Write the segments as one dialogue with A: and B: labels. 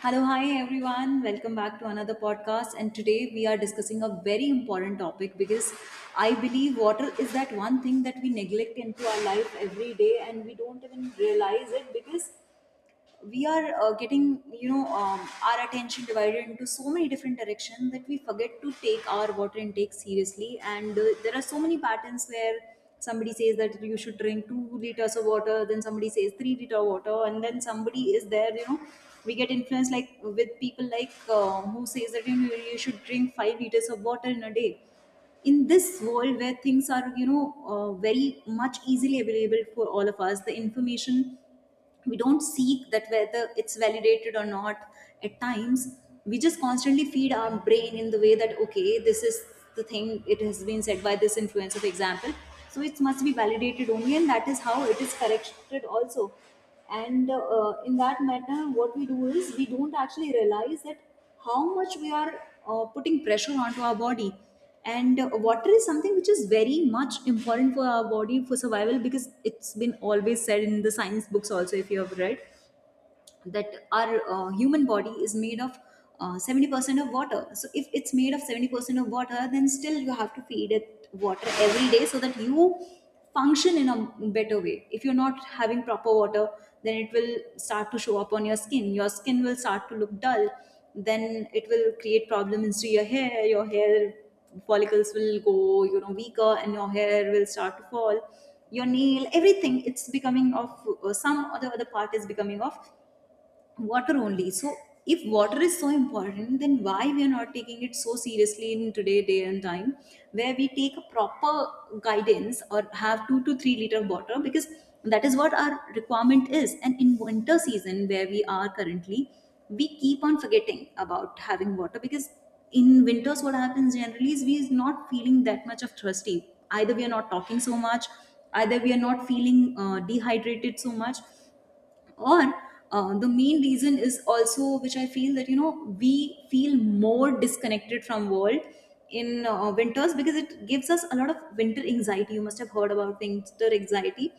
A: Hello, hi everyone. Welcome back to another podcast. And today we are discussing a very important topic because I believe water is that one thing that we neglect into our life every day and we don't even realize it because we are getting our attention divided into so many different directions that we forget to take our water intake seriously, and there are so many patterns where somebody says that you should drink 2 liters of water, then somebody says 3 liter of water, and then somebody is there, you know, we get influenced like with people like who says that you, know, you should drink 5 liters of water in a day. In this world where things are, you know, very much easily available for all of us, the information, we don't seek that whether it's validated or not at times. We just constantly feed our brain in the way that, okay, this is the thing, it has been said by this influencer, for example, so it must be validated only, and that is how it is corrected also. And in that matter, what we do is we don't actually realize that how much we are putting pressure onto our body. And water is something which is very much important for our body for survival, because it's been always said in the science books also, if you have read, that our human body is made of 70% of water. So if it's made of 70% of water, then still you have to feed it water every day so that you function in a better way. If you're not having proper water, then it will start to show up on your skin. Your skin will start to look dull. Then it will create problems to your hair. Your hair follicles will go, you know, weaker, and your hair will start to fall. Your nail, everything, it's becoming of some or the other part is becoming off water only. So if water is so important, then why we are not taking it so seriously in today day and time, where we take a proper guidance or have 2 to 3 liter of water, because that is what our requirement is. And in winter season, where we are currently, we keep on forgetting about having water, because in winters what happens generally is we is not feeling that much of thirsty, either we are not talking so much, either we are not feeling dehydrated so much, or the main reason is also which I feel that, you know, we feel more disconnected from world in winters, because it gives us a lot of winter anxiety. You must have heard about winter anxiety,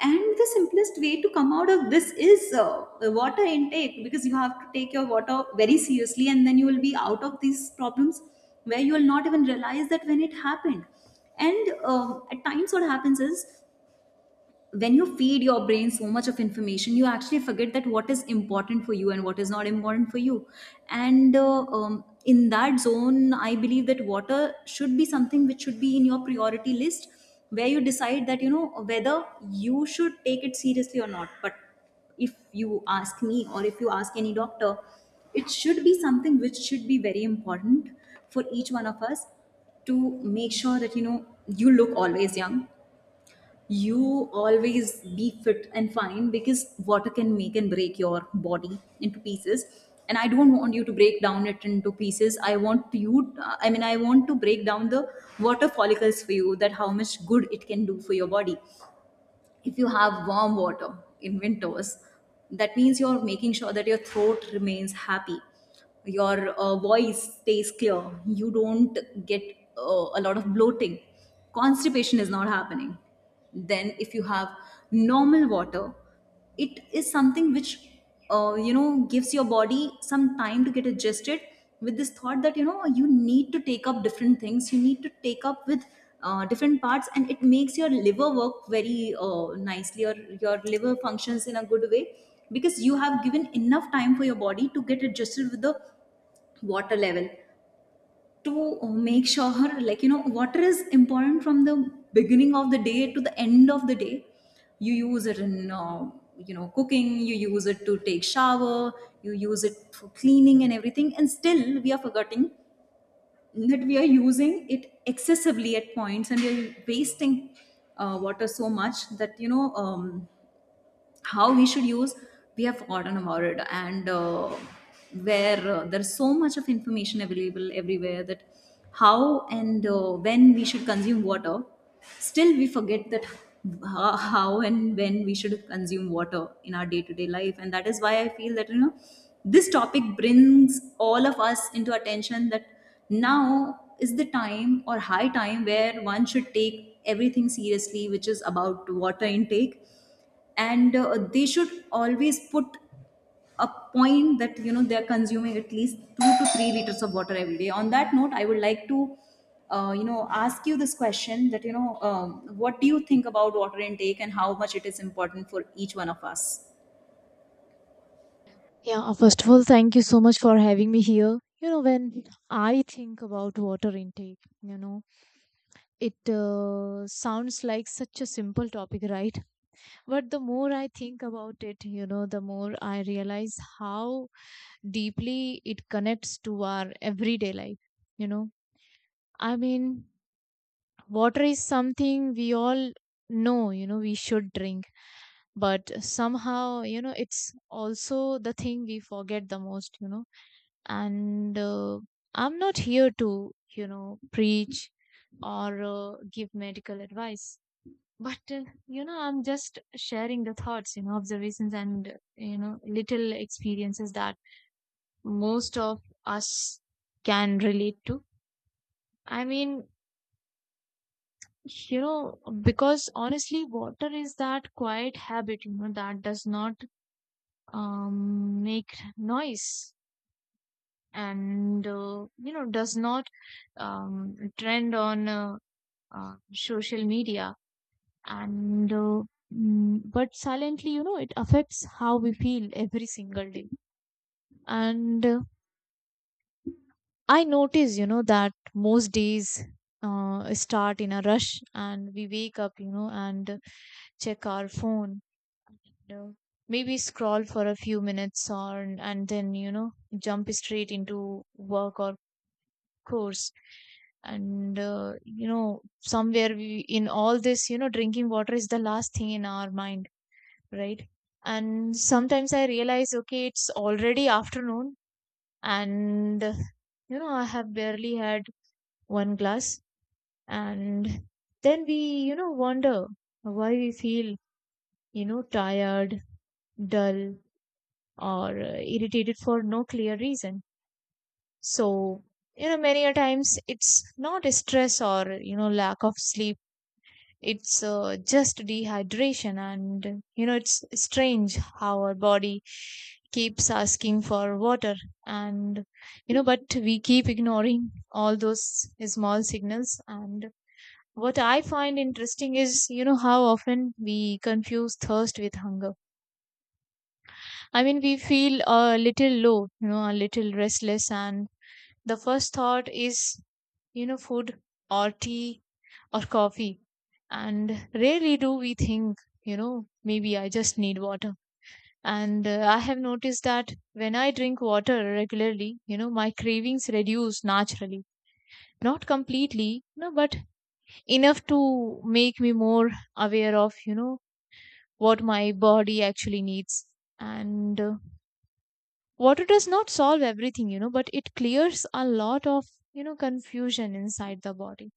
A: and the simplest way to come out of this is water intake, because you have to take your water very seriously, and then you will be out of these problems where you will not even realize that when it happened. And at times what happens is when you feed your brain so much of information, you actually forget that what is important for you and what is not important for you. And in that zone, I believe that water should be something which should be in your priority list, where you decide that, you know, whether you should take it seriously or not. But if you ask me or if you ask any doctor, it should be something which should be very important for each one of us, to make sure that, you know, you look always young, you always be fit and fine, because water can make and break your body into pieces, and I don't want you to break down it into pieces. I want you, I mean, I want to break down the water follicles for you, that how much good it can do for your body. If you have warm water in winters, that means you're making sure that your throat remains happy, your voice stays clear, you don't get a lot of bloating, constipation is not happening. Then if you have normal water, it is something which you know, gives your body some time to get adjusted with this thought that, you know, you need to take up different things, you need to take up with different parts, and it makes your liver work very nicely, or your liver functions in a good way, because you have given enough time for your body to get adjusted with the water level. To make sure, like, you know, water is important from the beginning of the day to the end of the day. You use it in you know, cooking, you use it to take shower, you use it for cleaning and everything, and still we are forgetting that we are using it excessively at points, and we are wasting water so much that, how we should use, we have forgotten about it. And where there's so much of information available everywhere, that how and when we should consume water, still we forget that how and when we should consume water in our day-to-day life. And that is why I feel that, you know, this topic brings all of us into attention, that now is the time or high time where one should take everything seriously, which is about water intake. And they should always put a point that, you know, they're consuming at least 2 to 3 liters of water every day. On that note, I would like to you know, ask you this question, that what do you think about water intake and how much it is important for each one of us?
B: Yeah, first of all, thank you so much for having me here. When I think about water intake, it sounds like such a simple topic, right? But the more I think about it, the more I realize how deeply it connects to our everyday life. You know, I mean, water is something we all know, we should drink, but somehow, it's also the thing we forget the most. And I'm not here to preach or give medical advice but I'm just sharing the thoughts, observations, and little experiences that most of us can relate to. I mean, because honestly water is that quiet habit, that does not make noise, and does not trend on social media, and uh, but silently, it affects how we feel every single day. And I notice, that most days start in a rush and we wake up and check our phone, you know, maybe scroll for a few minutes, or and then jump straight into work or course. And somewhere we in all this, drinking water is the last thing in our mind, right? And sometimes I realize, okay, it's already afternoon, and I have barely had one glass. And then we wonder why we feel, tired, dull, or irritated for no clear reason. So, many a times it's not stress or, lack of sleep. It's just dehydration. And, it's strange how our body keeps asking for water. And, but we keep ignoring all those small signals. And what I find interesting is, how often we confuse thirst with hunger. I mean, we feel a little low, a little restless, and the first thought is, food, or tea, or coffee. And rarely do we think, maybe I just need water. And I have noticed that when I drink water regularly, my cravings reduce naturally. Not completely, no, but enough to make me more aware of, what my body actually needs. And water does not solve everything, but it clears a lot of, confusion inside the body.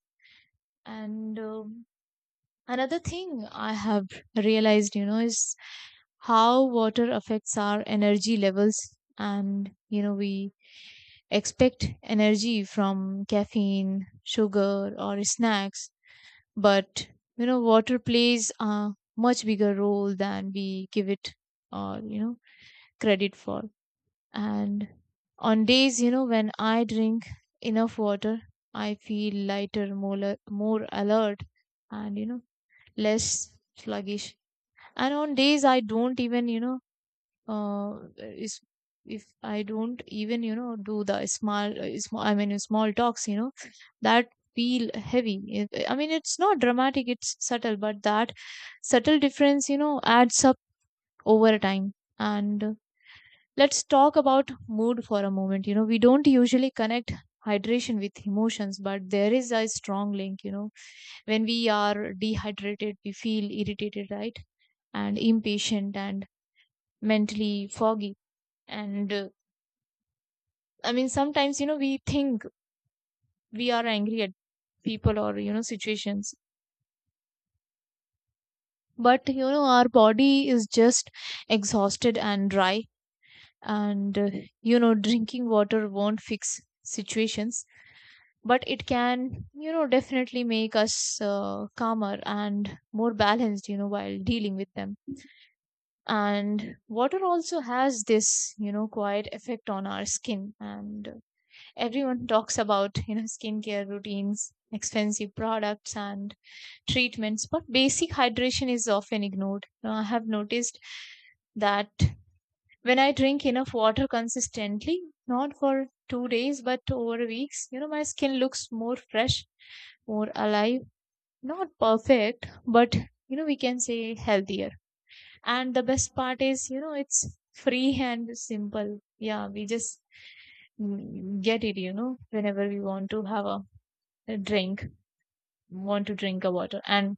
B: And Another thing I have realized, is how water affects our energy levels. And, we expect energy from caffeine, sugar, or snacks. But, water plays a much bigger role than we give it, or, credit for. And on days, when I drink enough water, I feel lighter, more alert, and, less sluggish. And on days I don't even, you know, is if I don't even, do the small, I mean, small talks, that feel heavy. I mean, it's not dramatic; it's subtle, but that subtle difference, adds up over time. And let's talk about mood for a moment. We don't usually connect hydration with emotions, but there is a strong link. When we are dehydrated, we feel irritated, right? And impatient and mentally foggy. And I mean, sometimes, we think we are angry at people or, situations, but, our body is just exhausted and dry. And, uh, drinking water won't fix situations, but it can, definitely make us calmer and more balanced, while dealing with them. And water also has this, quiet effect on our skin. And everyone talks about, skincare routines, expensive products, and treatments, but basic hydration is often ignored. Now, I have noticed that when I drink enough water consistently, not for 2 days but over weeks, my skin looks more fresh, more alive, not perfect, but we can say healthier. And the best part is, it's free and simple. Yeah, we just get it, whenever we want to have a drink, want to drink a water. And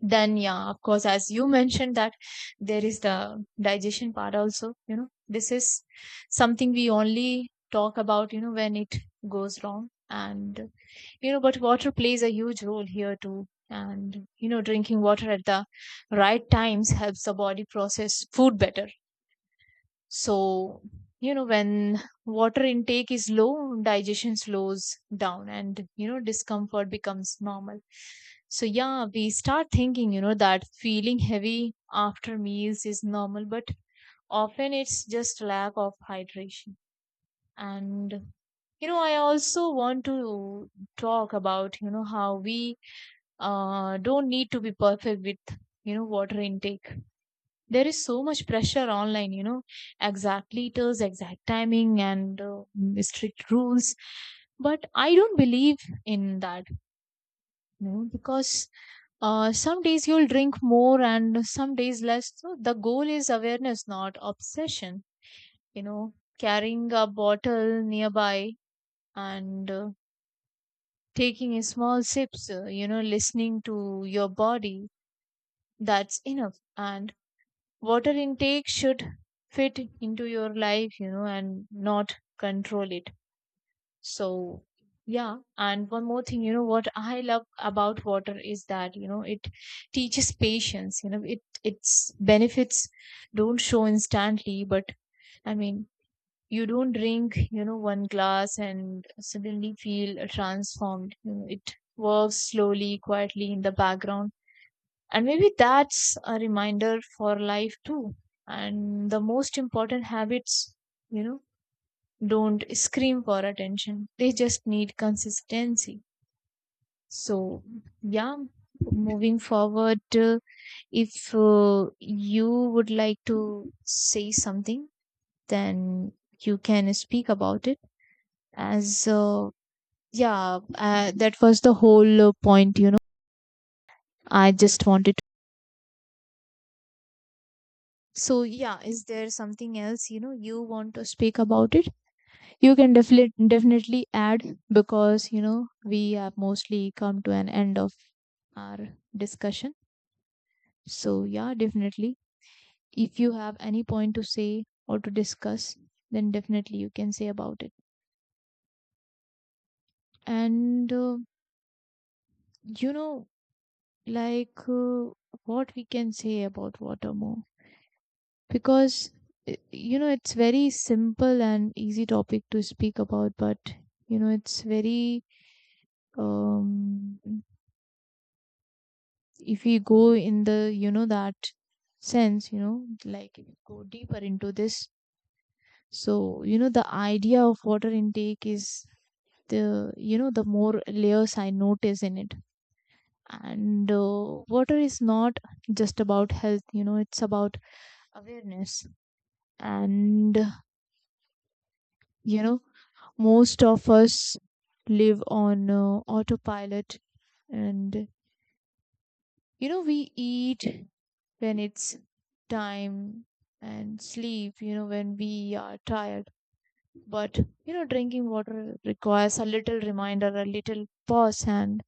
B: then, yeah, of course, as you mentioned, that there is the digestion part also, this is something we only talk about, when it goes wrong. And, but water plays a huge role here too. And, drinking water at the right times helps the body process food better. So, when water intake is low, digestion slows down, and, discomfort becomes normal. So, yeah, we start thinking, that feeling heavy after meals is normal, but often it's just lack of hydration. And, I also want to talk about, how we don't need to be perfect with, water intake. There is so much pressure online, exact liters, exact timing, and strict rules. But I don't believe in that, because some days you'll drink more and some days less. So the goal is awareness, not obsession. you know carrying a bottle nearby, and taking a small sips, listening to your body. That's enough. And water intake should fit into your life, and not control it. So, yeah. And one more thing, what I love about water is that, it teaches patience. It, its benefits don't show instantly. But I mean, you don't drink, one glass and suddenly feel transformed. It works slowly, quietly, in the background. And maybe that's a reminder for life too. And the most important habits, you know don't scream for attention. They just need consistency. So, yeah, moving forward, if you would like to say something, then you can speak about it. As yeah, that was the whole point, I just wanted. So yeah, is there something else you want to speak about it? You can definitely add, because we have mostly come to an end of our discussion. So yeah, definitely. If you have any point to say or to discuss, then definitely you can say about it. And you know, like uh, what we can say about water more? Because i- it's very simple and easy topic to speak about, but it's very um if we go in the, that sense, like if we go deeper into this. So, the idea of water intake is the, the more layers I notice in it. And water is not just about health, it's about awareness. And, you know most of us live on, autopilot. And, we eat when it's time, and sleep, when we are tired. But, drinking water requires a little reminder, a little pause, and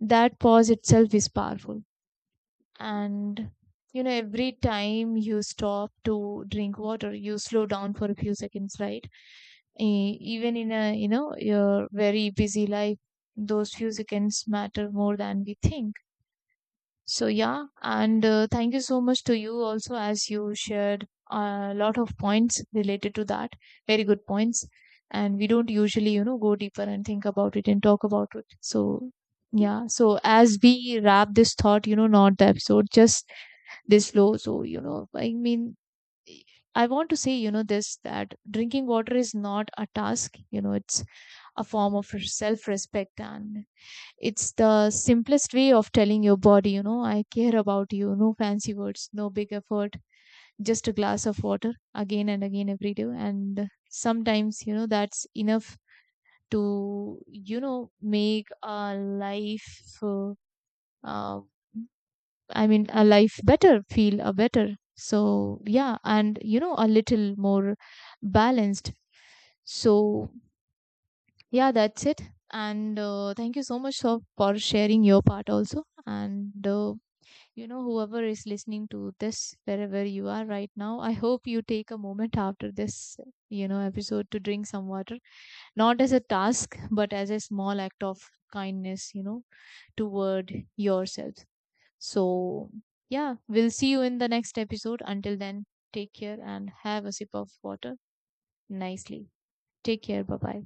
B: that pause itself is powerful. And, every time you stop to drink water, you slow down for a few seconds, right? Even in a, your very busy life, those few seconds matter more than we think. So yeah. and thank you so much to you also, as you shared a lot of points related to that. Very good points. And we don't usually, go deeper and think about it and talk about it. So yeah, so as we wrap this thought, not the episode, just this low. So, I mean, I want to say, this, that drinking water is not a task, it's a form of self respect. And it's the simplest way of telling your body, I care about you. No fancy words, no big effort, just a glass of water again and again every day. And sometimes, that's enough to, make a life. Uh, I mean, a life better, feel a better. So, yeah, and a little more balanced. So, yeah, that's it. And thank you so much for sharing your part also. And, whoever is listening to this, wherever you are right now, I hope you take a moment after this, episode to drink some water, not as a task, but as a small act of kindness, toward yourself. So, yeah, we'll see you in the next episode. Until then, take care and have a sip of water nicely. Take care. Bye bye.